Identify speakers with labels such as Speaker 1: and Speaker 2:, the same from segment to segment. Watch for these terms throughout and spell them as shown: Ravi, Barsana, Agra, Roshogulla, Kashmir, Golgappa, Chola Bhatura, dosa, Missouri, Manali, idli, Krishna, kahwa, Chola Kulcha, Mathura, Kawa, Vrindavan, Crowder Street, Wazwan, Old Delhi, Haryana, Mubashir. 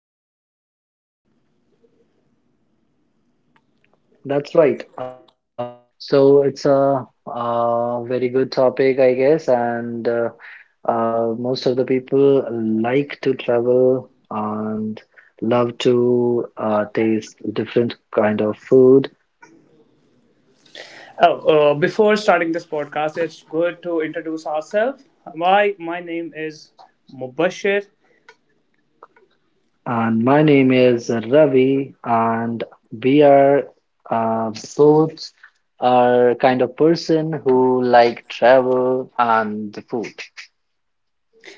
Speaker 1: and the travel.
Speaker 2: That's right. So it's a, very good topic, I guess, and most of the people like to travel and love to taste different kind of food.
Speaker 1: Oh, before starting this podcast, it's good to introduce ourselves. My name is Mubashir.
Speaker 2: And my name is Ravi, and we uh, both are kind of person who like travel and the food.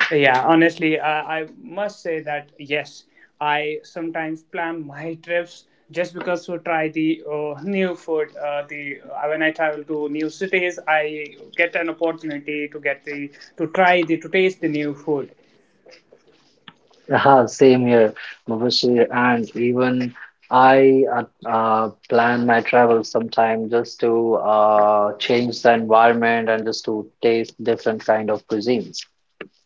Speaker 1: Yeah, honestly, I must say that yes, I sometimes plan my trips just because to try the new food. The When I travel to new cities, I get an opportunity to get the to try the to taste the new food.
Speaker 2: Yeah, same here, Mubashir. And even I plan my travel sometime just to change the environment and just to taste different kind of cuisines.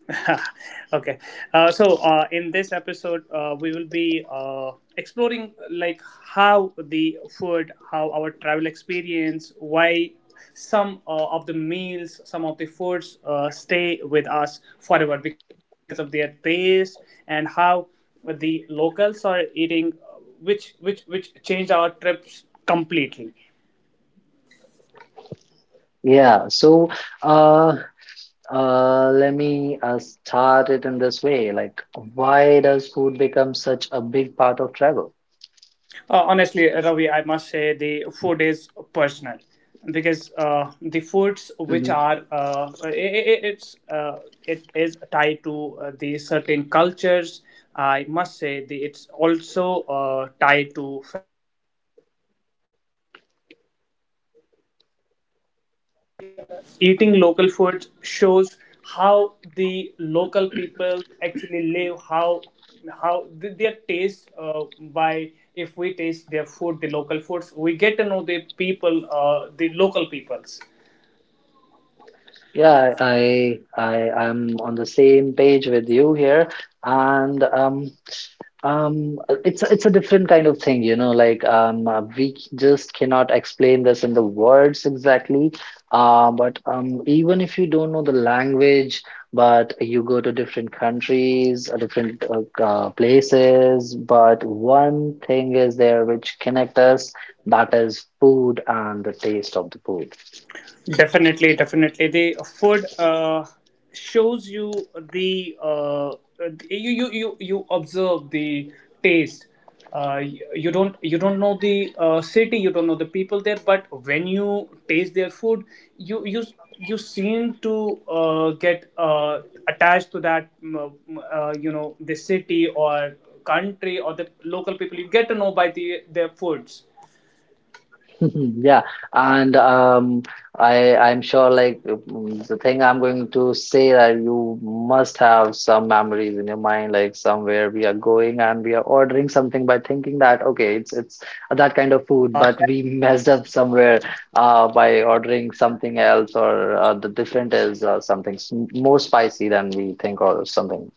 Speaker 1: Okay. In this episode we will be exploring like how the food how our travel experience why some of the meals, some of the foods stay with us forever because of their taste, and how the locals are eating, which changed our trips completely.
Speaker 2: Yeah, so uh, Let me start it in this way. Like, why does food become such a big part of travel?
Speaker 1: Honestly, Ravi, I must say the food is personal because the foods which
Speaker 2: hmm
Speaker 1: are it is tied to the certain cultures. I must say it's also tied to
Speaker 3: Eating local food shows how the local people actually live, how their taste by, if we taste their food, the local foods, we get to know the people, the local peoples.
Speaker 2: Yeah, I I am on the same page with you here, and it's a different kind of thing, like we just cannot explain this in the words exactly. But even if you don't know the language, but you go to different countries, different places, but one thing is there which connect us, that is food and the taste of the food.
Speaker 3: Definitely, definitely. The food shows you the you, you observe the taste. Uh, you don't, you don't know the city, you don't know the people there, but when you taste their food, you you seem to get attached to that, you know, the city or country or the local people. You get to know by the their foods.
Speaker 2: Yeah, and I I'm sure like the thing I'm going to say that you must have some memories in your mind, like somewhere we are going and we are ordering something by thinking that okay, it's that kind of food, but we messed up somewhere by ordering something else or the different is something more spicy than we think or something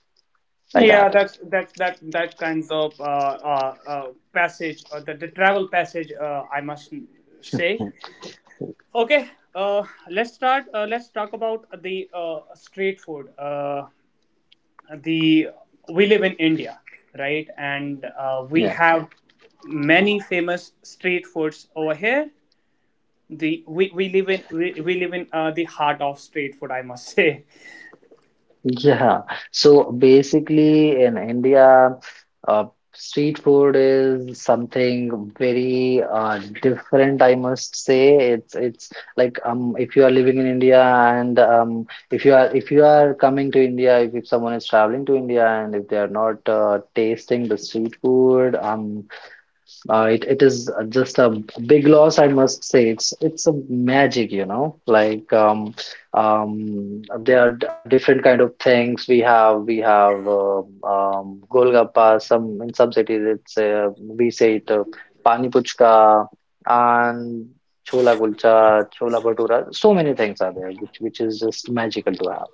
Speaker 2: like
Speaker 3: Yeah,
Speaker 2: that.
Speaker 3: that's that kinds of passage, or the travel passage, I must say. Okay, uh, let's start. Let's talk about the street food. The We live in India, right? And we
Speaker 2: Yeah.
Speaker 3: have many famous street foods over here. We live in we live in the heart of street food, I must say.
Speaker 2: Yeah, so basically in India, uh, street food is something very different, I must say. It's like if you are living in India and if you are coming to India, if someone is traveling to India and if they are not tasting the street food, it it is just a big loss, I must say. It's a magic, you know. Like there are different kind of things. We have Golgappa. Some in some cities, it's we say it Pani Puchka and Chola Kulcha, Chola Bhatura. So many things are there, which is just magical to have.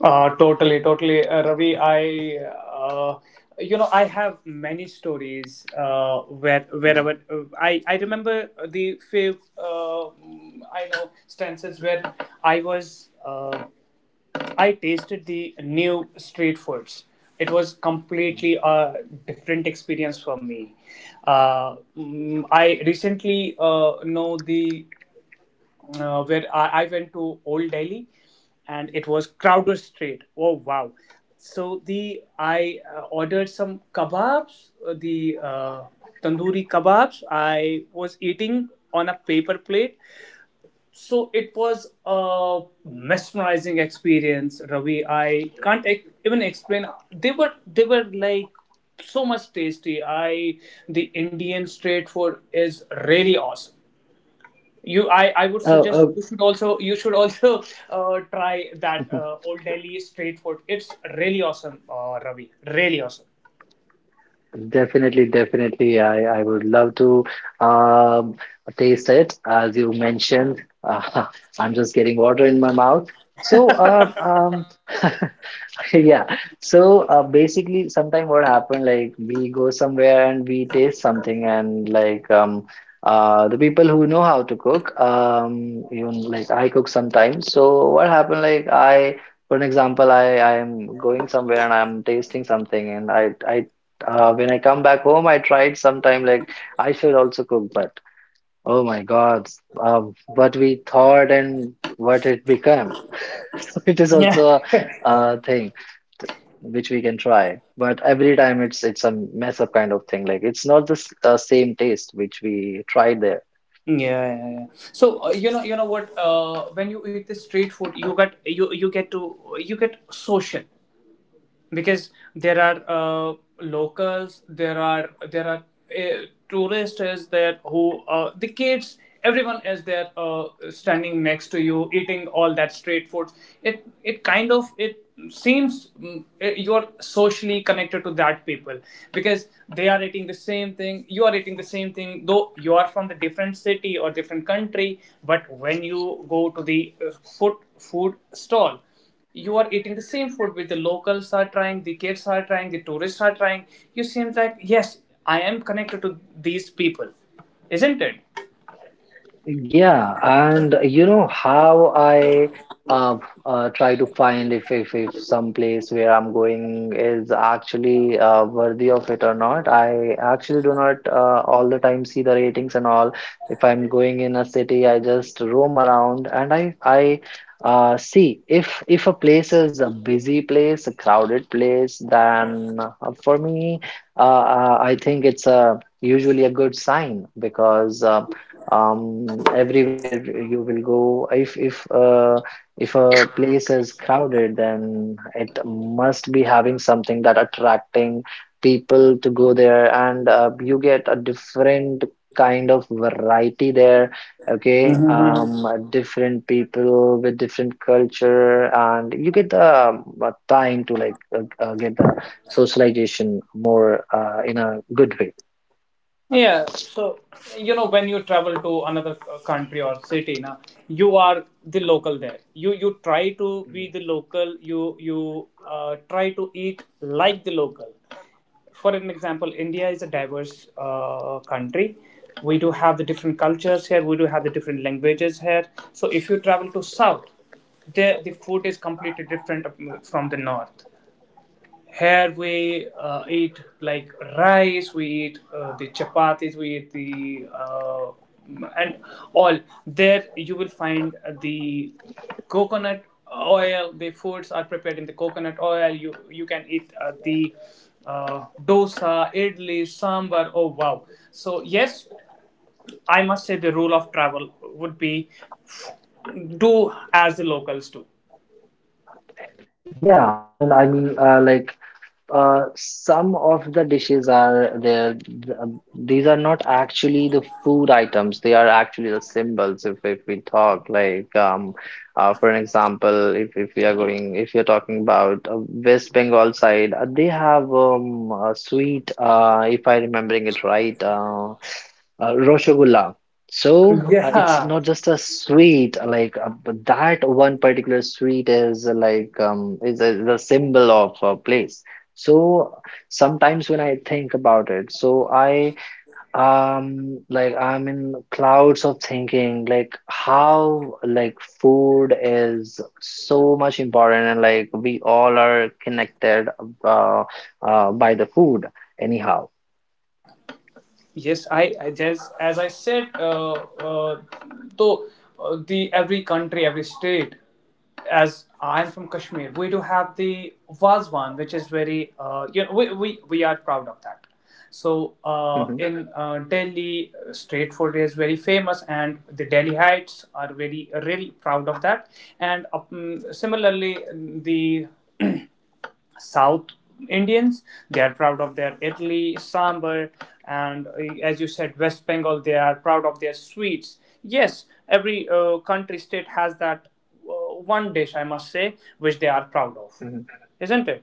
Speaker 3: Totally, totally, Ravi. I, uh, you know, I have many stories where wherever
Speaker 2: Mm,
Speaker 3: I remember the few I know stances where I was I tasted the new street foods. It was
Speaker 2: mm.
Speaker 3: completely a different experience for me. I recently know the where I went to Old Delhi, and it was Crowder Street. Oh wow! So the I ordered some kebabs, the tandoori kebabs. I was eating on a paper plate, so it was a mesmerizing experience, Ravi. I can't e- even explain. They were like so much tasty. I, the Indian street food is really awesome. You, I would
Speaker 2: Uh, uh,
Speaker 3: suggest you should also try that Old Delhi street food. It's really awesome, Ravi, really awesome.
Speaker 2: Definitely, definitely. I would love to um, taste it as you mentioned. I'm just getting water in my mouth. So, um, um, Yeah. So basically, sometime what happened, like we go somewhere and we taste something, and like the people who know how to cook, even like I cook sometimes. So what happened, for an example, I am going somewhere and I'm tasting something, and I when I come back home, I tried sometime like I should also cook, but oh my God, what we thought and what it became. So it is
Speaker 3: Yeah.
Speaker 2: also a thing which we can try. But every time it's a mess up kind of thing. Like it's not the same taste which we tried there.
Speaker 3: Yeah, yeah, yeah. So you know what? When you eat the street food, you you get to, you get social, because there are locals, there are tourists is there, who the kids, everyone is there standing next to you eating all that street food. It kind of it seems you are socially connected to that people, because they are eating the same thing, you are eating the same thing, though you are from the different city or different country. But when you go to the food stall, you are eating the same food. With the locals are trying, the kids are trying, the tourists are trying. You seem like, yes, I am connected to these people, isn't it?
Speaker 2: Yeah, and you know how I uh, try to find if some place where I'm going is actually worthy of it or not. I actually do not all the time see the ratings and all. If I'm going in a city, I just roam around and I see if a place is a busy place, a crowded place, then for me, I think it's a usually a good sign because everywhere you will go if if a place is crowded then it must be having something that attracting people to go there and you get a different kind of variety there, okay, different people with different culture and you get the time to like get the socialization more in a good way.
Speaker 3: Yeah, so you know, when you travel to another c- country or city, na, you are the local there. You try to be
Speaker 2: Mhm.
Speaker 3: the local. You try to eat like the local. For an example, India is a diverse country. We do have the different cultures here. We do have the different languages here. So if you travel to south, there the food is completely different from the north. Here we eat like rice, we eat the chapatis, we eat the and all. There you will find the coconut oil. The foods are prepared in the coconut oil. You can eat the dosa, idli, sambar. Oh wow! So yes, I must say the rule of travel would be, do as the locals do.
Speaker 2: Yeah, and I mean, like some of the dishes are there. These are not actually the food items. They are actually the symbols. If we talk like for an example, if we are going, if you're talking about West Bengal side, they have a sweet. If I remembering it right, Roshogulla. So it's
Speaker 3: Yeah.
Speaker 2: not just a sweet like but that one particular sweet is like is a symbol of a place. So sometimes when I think about it, so I like I'm in clouds of thinking like how like food is so much important and like we all are connected uh, by the food anyhow.
Speaker 3: Yes, I just as I said, though the every country, every state, as I'm from Kashmir, we do have the Wazwan, which is very you know, we are proud of that. So uh,
Speaker 2: Mhm.
Speaker 3: in uh, Delhi, street food is very famous, and the Delhiites are very really proud of that. And similarly, the South Indians, they are proud of their idli, sambar, and as you said, West Bengal, they are proud of their sweets. Yes, every country state has that one dish, I must say, which they are proud of,
Speaker 2: Mhm.
Speaker 3: isn't it?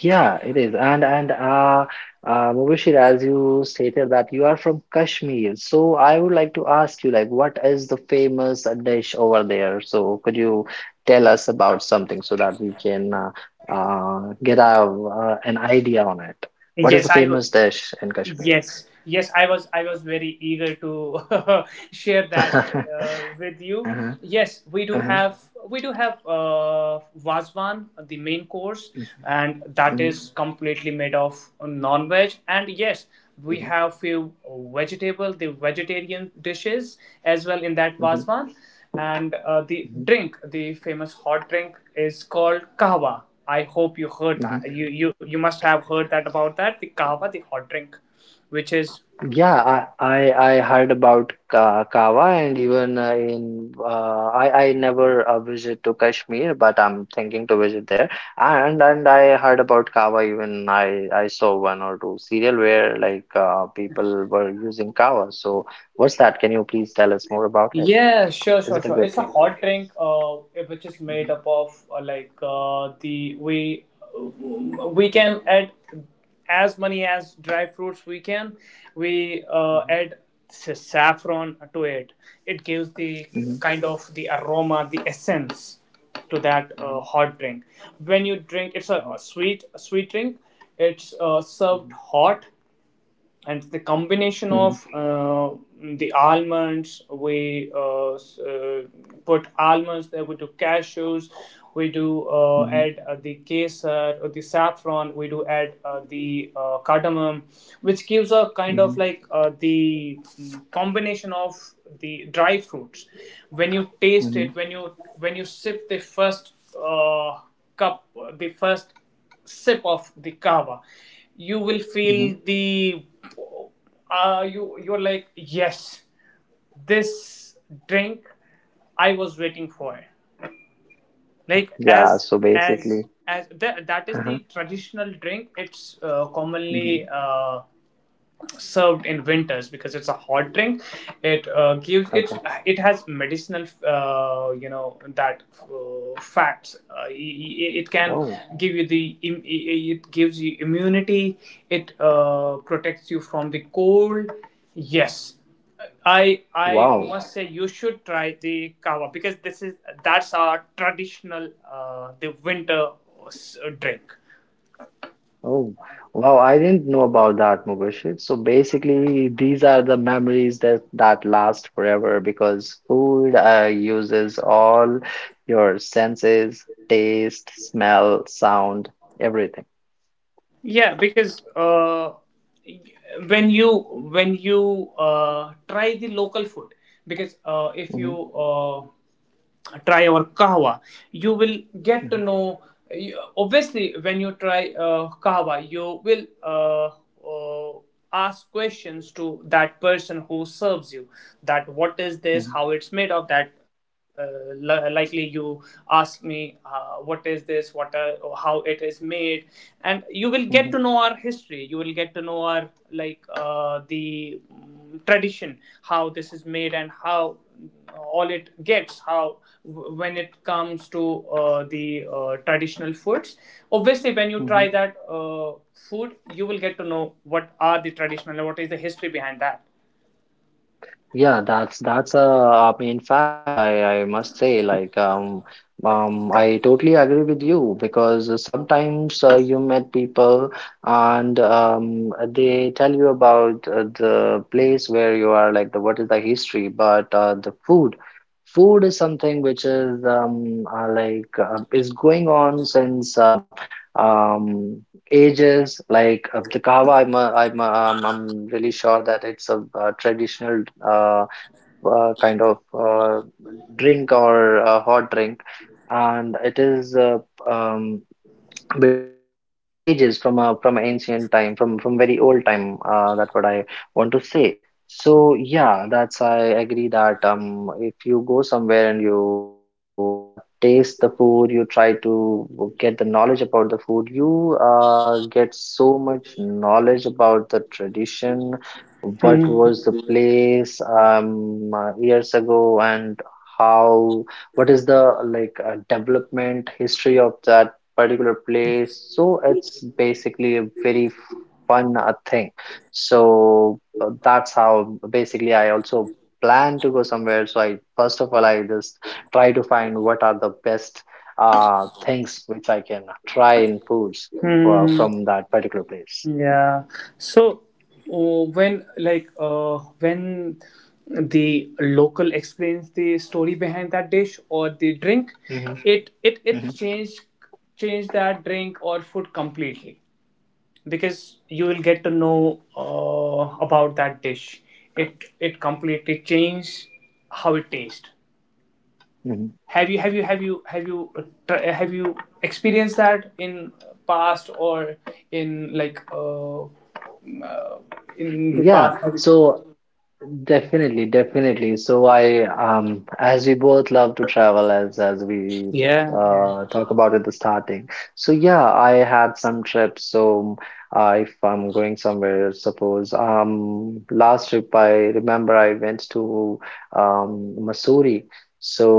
Speaker 2: Yeah, it is. And Mubashir, as you stated that you are from Kashmir, so I would like to ask you, like, what is the famous dish over there? So could you tell us about something so that we can get a, an idea on it? What is
Speaker 3: Yes,
Speaker 2: the
Speaker 3: I.
Speaker 2: famous dish in Kashmir?
Speaker 3: Yes, yes, I was, I was very eager to share that with you.
Speaker 2: Uh-huh,
Speaker 3: Yes, we do
Speaker 2: uh-huh,
Speaker 3: have, we do have Vazwan, the main course,
Speaker 2: mhm,
Speaker 3: and that
Speaker 2: mhm,
Speaker 3: is completely made of non-veg. And yes, we
Speaker 2: mhm,
Speaker 3: have few vegetable, the vegetarian dishes as well in that
Speaker 2: mhm,
Speaker 3: Vazwan. And the
Speaker 2: mhm,
Speaker 3: drink, the famous hot drink, is called kahwa. I hope you heard
Speaker 2: mhm.
Speaker 3: that. You must have heard that, about that, the kava, the hot drink, which is.
Speaker 2: Yeah, I heard about Ka Kawa and even in I never visit to Kashmir, but I'm thinking to visit there. And I heard about Kawa even I saw one or two serial where like people were using Kawa. So what's that? Can you please tell us more about it?
Speaker 3: Yeah, sure,
Speaker 2: Is
Speaker 3: sure,
Speaker 2: it a
Speaker 3: sure.
Speaker 2: good
Speaker 3: It's a
Speaker 2: thing?
Speaker 3: hot drink, which is made
Speaker 2: Mhm,
Speaker 3: up of like the we can add as many as dry fruits we can. We
Speaker 2: mhm,
Speaker 3: add sa- saffron to it. It gives the kind of the aroma, the essence to that
Speaker 2: mhm,
Speaker 3: hot drink. When you drink, it's
Speaker 2: mhm,
Speaker 3: a sweet, a sweet drink. It's
Speaker 2: mhm,
Speaker 3: served hot, and the combination
Speaker 2: mhm,
Speaker 3: of the almonds, we put almonds there, we do cashews, we do
Speaker 2: mhm,
Speaker 3: add the kesar or the saffron, we do add the cardamom, which gives a kind
Speaker 2: mhm,
Speaker 3: of like combination of the dry fruits. When you taste
Speaker 2: mhm,
Speaker 3: it, when you sip the first cup, the first sip of the kava, you will
Speaker 2: mhm, mhm.
Speaker 3: feel the you you're like, yes, this drink I was waiting for. Like
Speaker 2: Yeah.
Speaker 3: as
Speaker 2: So
Speaker 3: as
Speaker 2: basically,
Speaker 3: as that, that is
Speaker 2: uh-huh.
Speaker 3: the traditional drink. It's
Speaker 2: Mhm.
Speaker 3: commonly served in winters because it's a hot drink. It gives
Speaker 2: Okay.
Speaker 3: it, it has medicinal you know that facts. It can
Speaker 2: Oh.
Speaker 3: give you the, it gives you immunity, it protects you from the cold. Yes, I
Speaker 2: Wow.
Speaker 3: must say you should try the kava, because this is, that's our traditional the winter drink.
Speaker 2: Oh, wow. I didn't know about that, Mubashir. So basically, these are the memories that that last forever because food uses all your senses, taste, smell, sound, everything.
Speaker 3: Yeah, because when you, when you try the local food, because if
Speaker 2: hmm
Speaker 3: you try our kahwa, you will get to know. Obviously when you try kahwa, you will uh, uh, ask questions to that person who serves you, that what is this,
Speaker 2: hmm
Speaker 3: how it's made of that. Likely you ask me, what is this, what are, how it is made. And you will get to
Speaker 2: hmm
Speaker 3: know our history, you will get to know our, like tradition, how this is made and how all it gets, how when it comes to the traditional foods. Obviously when you
Speaker 2: hmm
Speaker 3: try that food, you will get to know what are the traditional and what is the history behind that.
Speaker 2: Yeah, that's a I mean in fact I must say like I totally agree with you because sometimes you met people and they tell you about the place where you are like the what is the history but the food food is something which is like is going on since um ages like the kahwa I'm really sure that it's a, traditional kind of drink or a hot drink and it is um, between us from ages from ancient time from very old time that's what I want to say. So yeah, that's I agree that if you go somewhere and you taste the food, you try to get the knowledge about the food, you get so much knowledge about the tradition, what
Speaker 3: Hmm.
Speaker 2: was the place years ago and how what is the like development history of that particular place. So it's basically a very fun thing. So that's how basically I also plan to go somewhere. So I first of all I just try to find what are the best things which I can try in foods
Speaker 3: Hmm.
Speaker 2: from that particular place.
Speaker 3: Yeah, so when like when the local explains the story behind that dish or the drink,
Speaker 2: hmm
Speaker 3: it it it
Speaker 2: hmm
Speaker 3: changed change that drink or food completely, because you will get to know about that dish. It completely changes how it tastes.
Speaker 2: hmm
Speaker 3: Have you have you have you have you tr- have you experienced that in past or in uh, in the
Speaker 2: Yeah,
Speaker 3: past? Have you-
Speaker 2: so definitely, definitely. So as we both love to travel, as we
Speaker 3: Yeah, yeah.
Speaker 2: talk about at the starting. So yeah, I had some trips. So if I'm going somewhere, suppose last trip I remember I went to Missouri.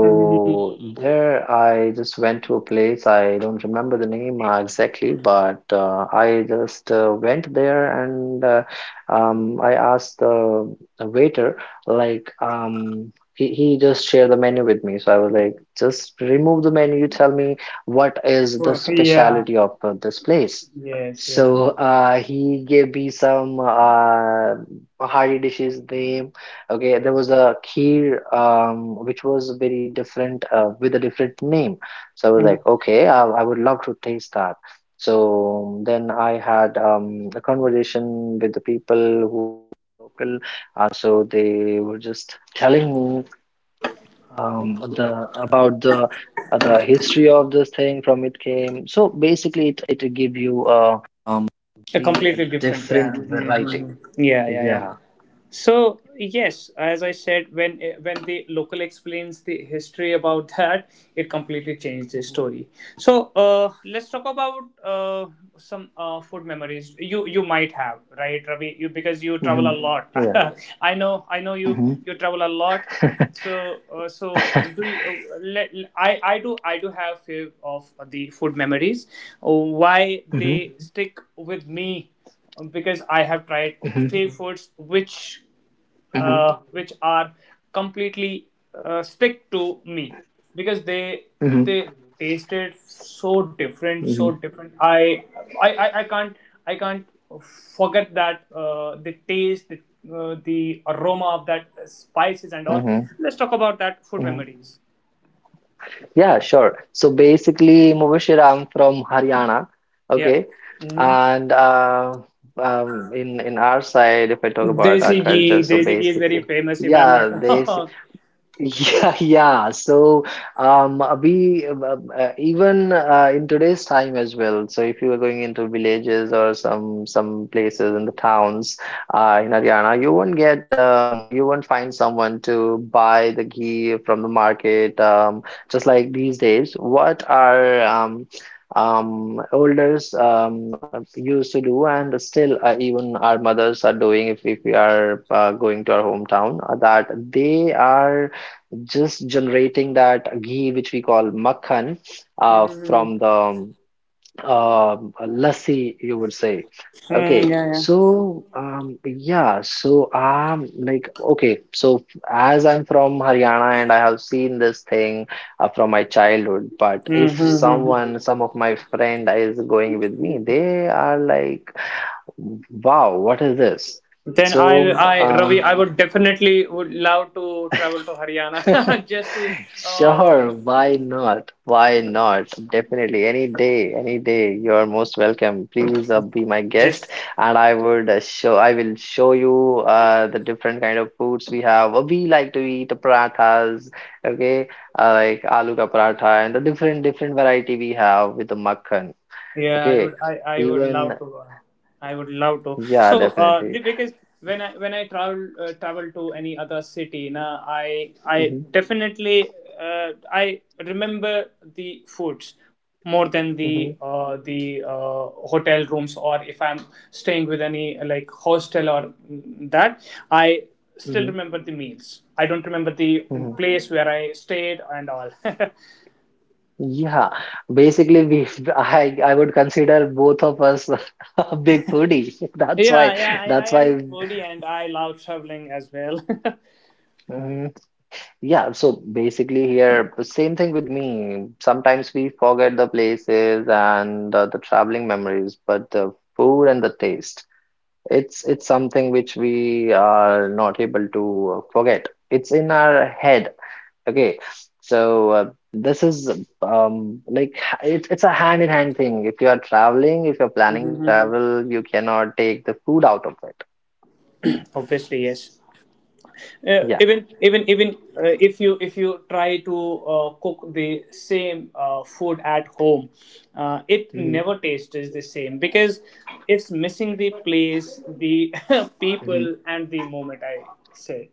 Speaker 3: Mhm.
Speaker 2: there I just went to a place. I don't remember the name exactly, but I just went there and I asked the a waiter like he just shared the menu with me, so I was like just remove the menu, you tell me what is the
Speaker 3: Well, yeah,
Speaker 2: specialty of this place.
Speaker 3: yes, yes,
Speaker 2: So
Speaker 3: yes.
Speaker 2: he gave me some hearty dishes name. Okay, there was a kheer which was very different with a different name. So I was
Speaker 3: Mm.
Speaker 2: like okay, I would love to taste that. So then I had a conversation with the people who were local. So they were just telling me the about the history of this thing from it came. So basically, it give you um the a
Speaker 3: Completely different. Yeah.
Speaker 2: different
Speaker 3: Mhm, mhm,
Speaker 2: variety.
Speaker 3: mhm. Yeah, yeah, yeah.
Speaker 2: Yeah.
Speaker 3: So yes, as I said, when the local explains the history about that, it completely changed the story. So let's talk about some food memories you you might have, right, Ravi? You,
Speaker 2: hmm
Speaker 3: because you travel a, mm,
Speaker 2: Yeah.
Speaker 3: lot. Yes, I
Speaker 2: hmm
Speaker 3: know you you travel a lot. So so do you, I do have few of the food memories.
Speaker 2: hmm
Speaker 3: Why they, mhm, stick with me, because I have
Speaker 2: hmm
Speaker 3: tried few foods
Speaker 2: hmm
Speaker 3: which are completely stick to me, because they tasted so different,
Speaker 2: hmm
Speaker 3: so different. I can't, I can't forget that the taste, the the aroma of that spices and all.
Speaker 2: hmm
Speaker 3: Let's talk about that food
Speaker 2: hmm
Speaker 3: memories.
Speaker 2: Yeah, sure. So basically, Mubashir, I'm from Haryana.
Speaker 3: Yeah.
Speaker 2: Okay.
Speaker 3: Hmm.
Speaker 2: And in our side, if I talk about our culture, so
Speaker 3: Desi ghee is very
Speaker 2: basically,
Speaker 3: famous if I'm not
Speaker 2: yeah, they
Speaker 3: wrong.
Speaker 2: yeah, yeah. So, we even in today's time as well. So, if you are going into villages or some places in the towns in Haryana, you won't get you won't find someone to buy the ghee from the market. Just like these days, what are elders used to do, and still even our mothers are doing if we are going to our hometown, that they are just generating that ghee, which we call makhan
Speaker 3: Hmm.
Speaker 2: from the uh, lassi, you would say.
Speaker 3: Yeah,
Speaker 2: Okay,
Speaker 3: yeah.
Speaker 2: so yeah, so I'm like okay. So as I'm from Haryana and I have seen this thing from my childhood. But if
Speaker 3: Mm-hmm,
Speaker 2: someone,
Speaker 3: mm-hmm.
Speaker 2: some of my friend is going with me, they are like, wow, what is this?
Speaker 3: Then
Speaker 2: So
Speaker 3: Ravi, I would definitely would love to travel to Haryana just to, uh,
Speaker 2: Sure, why not? Why not? Definitely, any day, you are most welcome. Please be my guest,
Speaker 3: just.
Speaker 2: and I would show. I will show you the different kind of foods we have. We like to eat parathas, okay? Like aloo ka paratha and the different different variety we have with the makhan.
Speaker 3: Yeah, I
Speaker 2: Okay,
Speaker 3: would. I would
Speaker 2: even,
Speaker 3: love to go. I would love to.
Speaker 2: yeah,
Speaker 3: So, the-
Speaker 2: definitely.
Speaker 3: because when I travel travel to any other city, na, I
Speaker 2: Hmm.
Speaker 3: definitely I remember the foods more than the
Speaker 2: Hmm.
Speaker 3: hotel rooms, or if I'm staying with any like hostel or mm, that I still remember the meals. I don't remember the
Speaker 2: Hmm.
Speaker 3: place where I stayed and all.
Speaker 2: Yeah, basically, we I would consider both of us a big foodie. That's why
Speaker 3: Yeah, yeah, I
Speaker 2: that's
Speaker 3: am
Speaker 2: why
Speaker 3: foodie and I love traveling as well.
Speaker 2: mm, yeah, so basically, here same thing with me. Sometimes we forget the places and the traveling memories, but the food and the taste, it's something which we are not able to forget. It's in our head. Okay, so this is like it's a hand in hand thing. If you are traveling, if you're planning
Speaker 3: Mhm.
Speaker 2: travel, you cannot take the food out of it.
Speaker 3: Obviously, yes. Uh,
Speaker 2: Yeah.
Speaker 3: even even even uh, if you try to cook the same food at home, it
Speaker 2: Hmm.
Speaker 3: never tastes the same because it's missing the place, the people, and the moment, I say.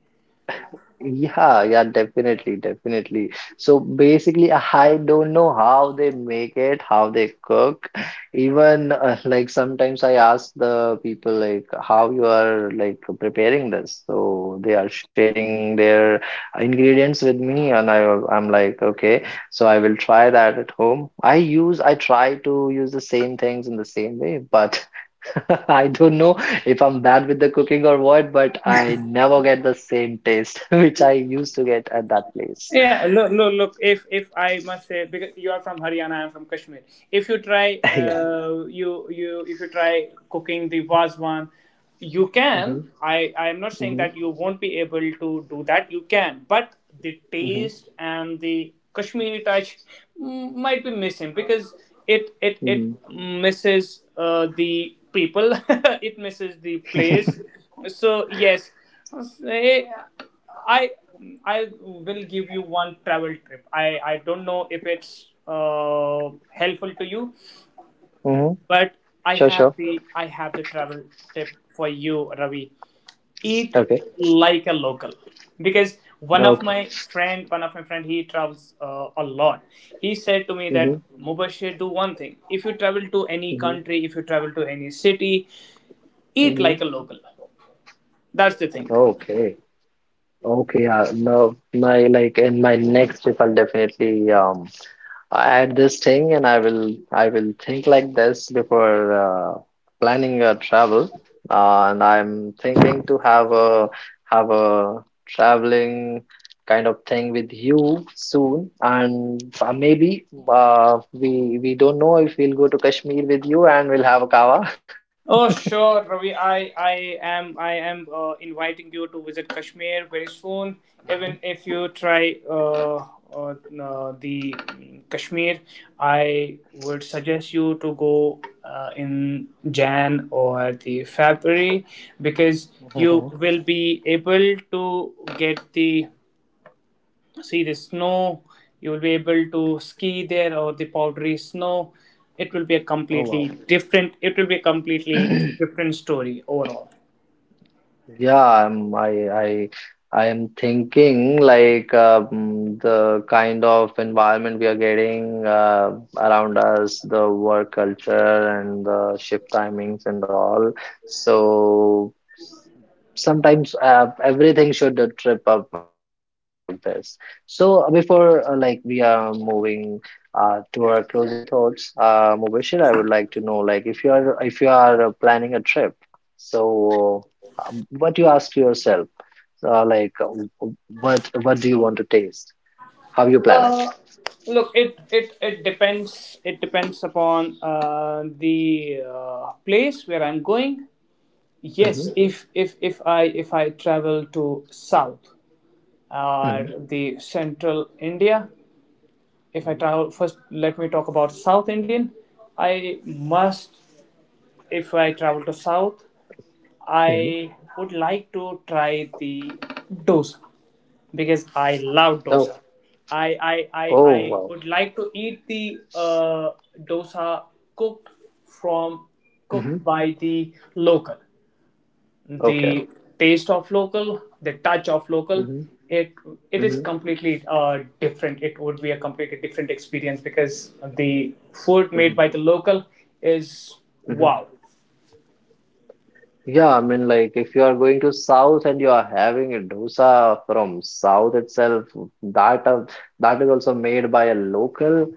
Speaker 2: Yeah, yeah, definitely, definitely. So basically, I don't know how they make it, how they cook. Even like sometimes I ask the people like how you are like preparing this. So they are sharing their ingredients with me, and I'm like okay, so I will try that at home. I try to use the same things in the same way, but I don't know if I'm bad with the cooking or what, but I never get the same taste which I used to get at that place.
Speaker 3: Yeah, look, look, look. If I must say, because you are from Haryana, I'm from Kashmir. If you try,
Speaker 2: Yeah.
Speaker 3: you you if you try cooking the vazwan, you can.
Speaker 2: Mm-hmm.
Speaker 3: I am not saying
Speaker 2: Mm-hmm.
Speaker 3: that you won't be able to do that. You can, but the
Speaker 2: Mm-hmm.
Speaker 3: taste and the Kashmiri touch might be missing, because it
Speaker 2: Mm-hmm.
Speaker 3: misses the people. It misses the place. So yes, I I will give you one travel trip. I don't know if it's helpful to you,
Speaker 2: Mm-hmm.
Speaker 3: but
Speaker 2: Sure, sure.
Speaker 3: I have the travel tip for you, Ravi. Eat
Speaker 2: Okay.
Speaker 3: like a local, because
Speaker 2: Okay.
Speaker 3: one of my friend he travels a lot. He said to me that
Speaker 2: Mm-hmm.
Speaker 3: Mubashir, do one thing. If you travel to any
Speaker 2: Mm-hmm.
Speaker 3: country, if you travel to any city, eat
Speaker 2: Mm-hmm.
Speaker 3: like a local. That's the thing.
Speaker 2: Okay. Okay. No, my like in my next trip, I'll definitely I add this thing, and I will think like this before planning a travel. And I'm thinking to have a traveling kind of thing with you soon. And maybe we don't know if we'll go to Kashmir with you and we'll have a kava.
Speaker 3: Oh, sure, Ravi. I am inviting you to visit Kashmir very soon.
Speaker 2: Hmm.
Speaker 3: Even if you try uh, the Kashmir, I would suggest you to go in Jan or the February, because you
Speaker 2: Mhm.
Speaker 3: will be able to get
Speaker 2: Mhm.
Speaker 3: the see the snow. You will be able to ski there, or the powdery snow. it will be a
Speaker 2: Oh
Speaker 3: completely
Speaker 2: wow.
Speaker 3: different it will be a completely different story overall.
Speaker 2: Yeah, I am thinking like the kind of environment we are getting around us, the work culture and the shift timings and all. So sometimes everything should trip up, plan a trip like this. So before like we are moving to our closing thoughts, Mubashir, I would like to know like if you are planning a trip. So, but you ask yourself, like, what do you want to taste? How you plan it?
Speaker 3: uh Look, it depends. It depends upon the place where I'm going. Yes,
Speaker 2: Hmm.
Speaker 3: if I travel to South or
Speaker 2: Hmm.
Speaker 3: the Central India, if I
Speaker 2: Hmm.
Speaker 3: travel— first let me talk about South Indian. I must— if I travel to South,
Speaker 2: Hmm.
Speaker 3: I would like to try the dosa, because I love
Speaker 2: Oh,
Speaker 3: dosa. I I, I,
Speaker 2: oh,
Speaker 3: I
Speaker 2: wow.
Speaker 3: would like to eat the dosa cooked— from
Speaker 2: Hmm.
Speaker 3: cooked by the local.
Speaker 2: Okay.
Speaker 3: The taste of local, the touch of local,
Speaker 2: Hmm.
Speaker 3: it it is
Speaker 2: Hmm.
Speaker 3: completely different. It would be a completely different experience, because the food made
Speaker 2: Hmm.
Speaker 3: by the local is
Speaker 2: Hmm.
Speaker 3: wow.
Speaker 2: Yeah, I mean, like, if you are going to South and you are having a dosa from South itself, that uh, that is also made by a local.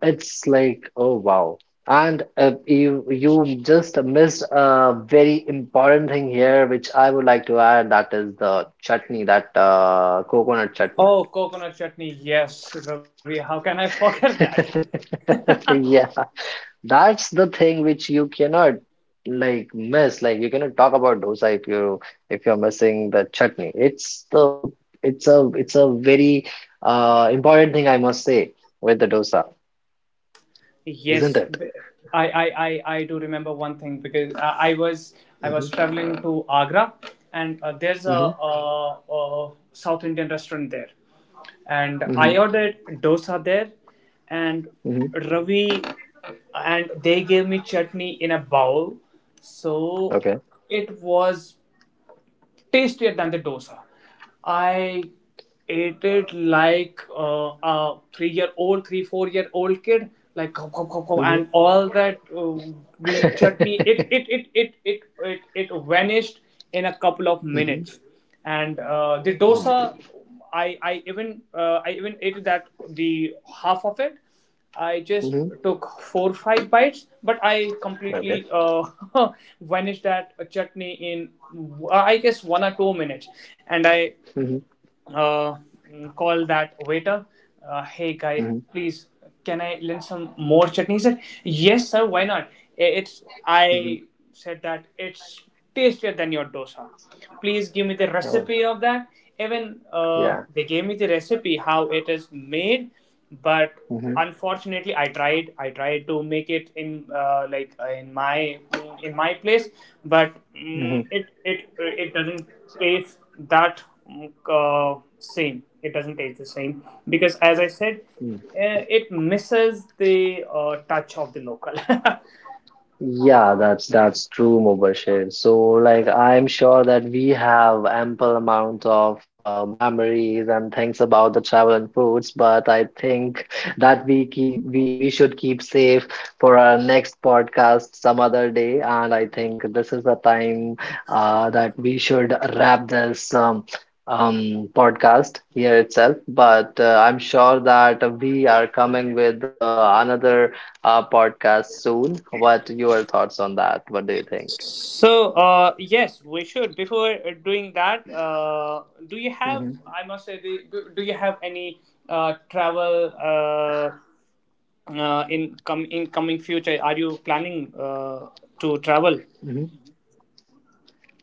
Speaker 2: It's like, oh wow. And you just missed a very important thing here, which I would like to add. That is the chutney, that coconut chutney.
Speaker 3: Oh, coconut chutney. Yes, Ravi. How can I forget that?
Speaker 2: Yeah, that's the thing which you cannot like miss. Like you cannot talk about dosa if you if you're missing the chutney. It's a very important thing, I must say, with the dosa, isn't
Speaker 3: Yes,
Speaker 2: it?
Speaker 3: I do remember one thing, because I
Speaker 2: Mm-hmm,
Speaker 3: was traveling to Agra, and there's a,
Speaker 2: mm-hmm,
Speaker 3: a, a South Indian restaurant there, and
Speaker 2: mm-hmm,
Speaker 3: I ordered dosa there, and
Speaker 2: mm-hmm.
Speaker 3: Ravi, and they gave me chutney in a bowl, so
Speaker 2: Okay.
Speaker 3: it was tastier than the dosa. I ate it like a 3-year old, three, 4-year old kid, like gulp, gulp, gulp, gulp,
Speaker 2: Mm-hmm.
Speaker 3: and all that the chutney, it it, it, it, it, it, it vanished in a couple of
Speaker 2: Mm-hmm.
Speaker 3: minutes. And the
Speaker 2: Mm.
Speaker 3: dosa, I even ate that— the half of it. I just
Speaker 2: Mm-hmm.
Speaker 3: took 4 or 5 bites, but I
Speaker 2: Okay.
Speaker 3: completely vanished that chutney in, I guess, 1 or 2 minutes, and I
Speaker 2: Mm-hmm.
Speaker 3: uh, called that waiter. Hey, guy,
Speaker 2: Mm-hmm.
Speaker 3: please, can I lend some more chutney? He said, "Yes, sir, why not?" It's
Speaker 2: Mm-hmm.
Speaker 3: I said that it's tastier than your dosa. Please give me the
Speaker 2: Oh,
Speaker 3: recipe of that. Even
Speaker 2: yeah.
Speaker 3: they gave me the recipe how it is made, but
Speaker 2: Mm-hmm.
Speaker 3: unfortunately I tried to make it in like in my place, but
Speaker 2: Mm-hmm.
Speaker 3: it it doesn't taste that mm, same. It doesn't taste the same, because as I said, it misses the touch of the local.
Speaker 2: Yeah, that's true, Mubashir. So, like, I'm sure that we have ample amount of memories and things about the travel and foods, but I think that we should keep safe for our next podcast some other day. And I think this is the time that we should wrap this podcast here itself. But I'm sure that we are coming with another podcast soon. What your thoughts on that? What do you think?
Speaker 3: So yes, we should— before doing that, do you have
Speaker 2: Hmm.
Speaker 3: I must say, the, do do you have any travel— in coming future, are you planning to travel?
Speaker 2: Hmm.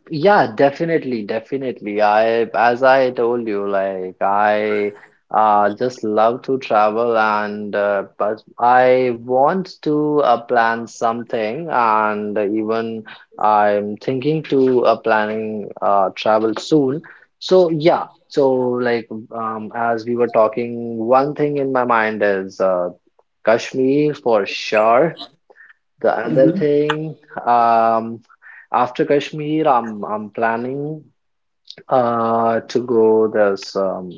Speaker 2: Yeah, definitely, definitely. As I told you, like I just love to travel, and but I want to plan something, and even I'm thinking to planning travel soon. So yeah, so like as we were talking, one thing in my mind is Kashmir for sure. The other
Speaker 3: Hmm.
Speaker 2: thing, um, after Kashmir, I'm planning to go. There's um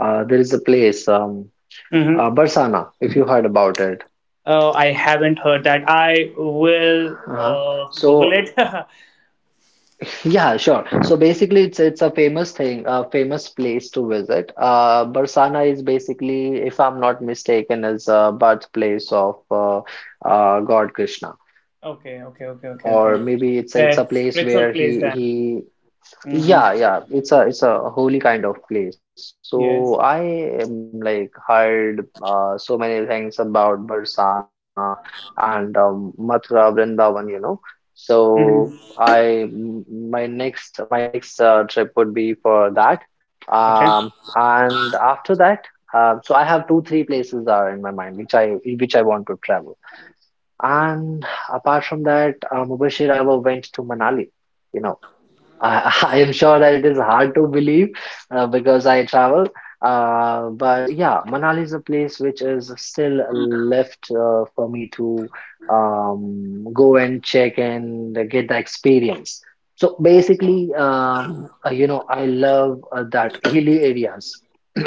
Speaker 2: uh There is a place
Speaker 3: Hmm.
Speaker 2: Barsana, if you heard about it.
Speaker 3: Oh, I haven't heard that. I will
Speaker 2: Uh-huh.
Speaker 3: google
Speaker 2: So
Speaker 3: it.
Speaker 2: yeah, sure. So basically, it's a famous thing, a famous place to visit. Barsana is basically, if I'm not mistaken, is a birthplace of God Krishna,
Speaker 3: Okay, okay, okay, okay,
Speaker 2: or
Speaker 3: okay.
Speaker 2: maybe it's a place
Speaker 3: Spiritual
Speaker 2: where he
Speaker 3: place
Speaker 2: he
Speaker 3: then. Mm-hmm.
Speaker 2: Yeah, yeah, it's a holy kind of place. So
Speaker 3: Yes.
Speaker 2: I am like heard so many things about Barsana and Mathura Vrindavan, you know. So
Speaker 3: Hmm.
Speaker 2: my next trip would be for that.
Speaker 3: Okay.
Speaker 2: And after that, so I have two three places are in my mind which I want to travel. And apart from that, Mubashir, I never went to Manali. You know. I am sure that it is hard to believe because I travel. But yeah, Manali is a place which is still left for me to go and check and get the experience. So basically, you know, I love that hilly areas.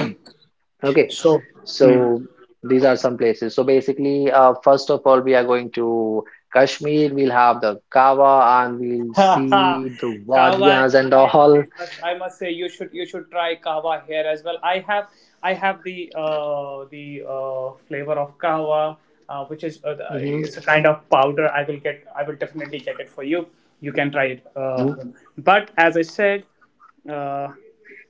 Speaker 2: Okay,
Speaker 3: So. Mm.
Speaker 2: so these are some places. So basically, first of all, we are going to Kashmir. We'll have the Kaaba and we'll see the
Speaker 3: Kahwa, I,
Speaker 2: wadiyas and all.
Speaker 3: I must say you should try kahwa here as well. I have the flavor of kahwa, which is
Speaker 2: Hmm.
Speaker 3: is a kind of powder. I will definitely get it for you. You can try it. Uh,
Speaker 2: Hmm.
Speaker 3: but as I said, uh,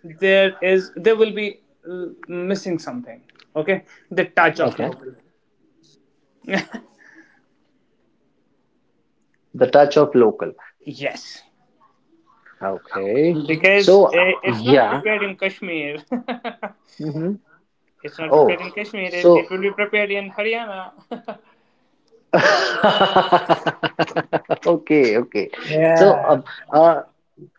Speaker 3: there will be missing something. Okay, the touch of
Speaker 2: Okay.
Speaker 3: local.
Speaker 2: Mm. The touch of local.
Speaker 3: Yes,
Speaker 2: Okay.
Speaker 3: because
Speaker 2: So
Speaker 3: it's not
Speaker 2: yeah.
Speaker 3: prepared in Kashmir.
Speaker 2: Hmm.
Speaker 3: It's not prepared
Speaker 2: Oh.
Speaker 3: in Kashmir. It
Speaker 2: So.
Speaker 3: will be prepared in Haryana.
Speaker 2: Okay. Okay. So
Speaker 3: Yeah.
Speaker 2: uh,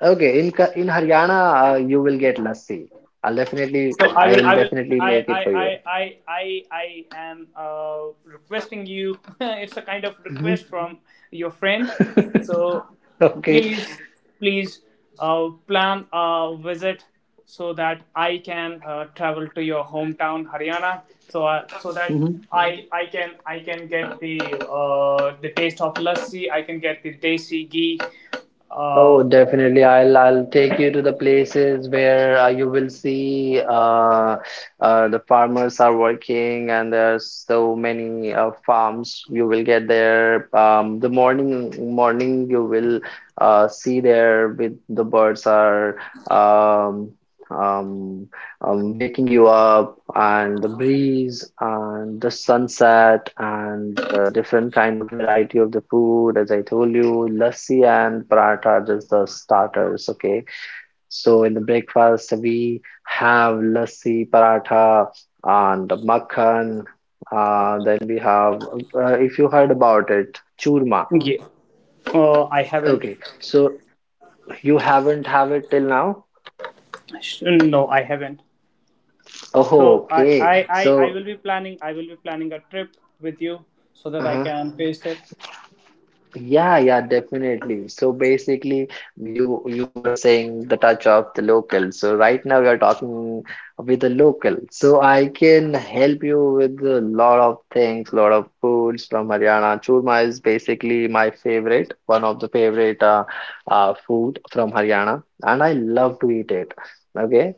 Speaker 2: okay, in Haryana, you will get lassi.
Speaker 3: So
Speaker 2: I'll
Speaker 3: I,
Speaker 2: definitely
Speaker 3: I,
Speaker 2: make it for
Speaker 3: I,
Speaker 2: you.
Speaker 3: I, I, I am requesting you. It's a kind of
Speaker 2: Hmm.
Speaker 3: request from your friend. So
Speaker 2: Okay.
Speaker 3: please, please, plan a visit, so that I can travel to your hometown, Haryana. So that
Speaker 2: Hmm.
Speaker 3: I can get the taste of lassi. I can get the desi ghee. Uh,
Speaker 2: Oh, definitely. I'll take you to the places where you will see the farmers are working, and there's so many farms. You will get there. The morning you will see there with the birds are um, um, waking you up, and the breeze and the sunset and the different kind of variety of the food. As I told you, lassi and paratha are just the starters, okay? So in the breakfast we have lassi, paratha, and makhan. Then we have, if you heard about it, churma.
Speaker 3: yeah. I haven't.
Speaker 2: Okay, so you haven't have it till now.
Speaker 3: No, I haven't.
Speaker 2: Oh
Speaker 3: So
Speaker 2: okay.
Speaker 3: I
Speaker 2: So,
Speaker 3: will be planning I will be planning a trip with you, so that I
Speaker 2: uh-huh.
Speaker 3: can taste it.
Speaker 2: Yeah, yeah, definitely. So basically, you were saying the touch of the local. So right now we are talking with the local. So I can help you with a lot of things, lot of foods from Haryana. Churma is basically my favorite, one of the favorite food from Haryana, and I love to eat it. Okay,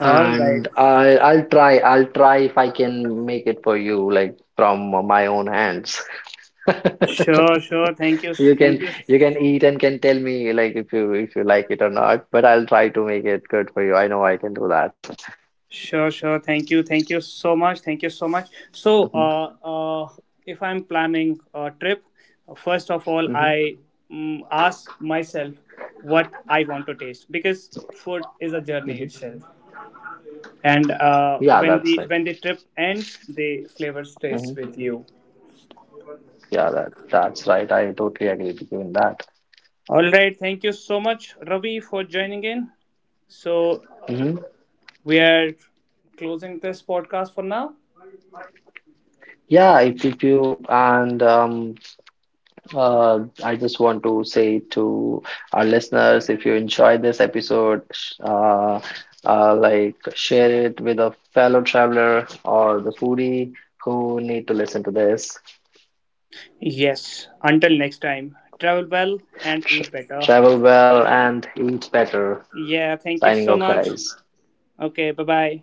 Speaker 3: All right.
Speaker 2: and I'll try if I can make it for you, like from my own hands.
Speaker 3: Sure, sure. Thank you.
Speaker 2: So
Speaker 3: Thank you.
Speaker 2: you can eat and can tell me like if you like it or not, but I'll try to make it good for you. I know I can do that.
Speaker 3: Sure, sure. Thank you. Thank you so much. Thank you so much. So
Speaker 2: Hmm.
Speaker 3: uh, uh, if I'm planning a trip, first of all,
Speaker 2: Hmm.
Speaker 3: I ask myself what I want to taste, because food is a journey
Speaker 2: Hmm.
Speaker 3: itself. And
Speaker 2: Yeah,
Speaker 3: when
Speaker 2: that's
Speaker 3: the
Speaker 2: right.
Speaker 3: trip ends, the flavor stays
Speaker 2: Hmm.
Speaker 3: with you.
Speaker 2: Yeah, that's right. I totally agree with you in that.
Speaker 3: All right. Thank you so much, Ravi, for joining in. So
Speaker 2: Hmm.
Speaker 3: we are closing this podcast for now.
Speaker 2: Yeah, if you and I just want to say to our listeners, if you enjoyed this episode, like share it with a fellow traveler or the foodie who need to listen to this.
Speaker 3: Yes. Until next time, travel well and eat better.
Speaker 2: Travel well and eat better.
Speaker 3: Yeah. Thank you
Speaker 2: Signing
Speaker 3: so
Speaker 2: off,
Speaker 3: much.
Speaker 2: guys.
Speaker 3: Okay. Bye bye.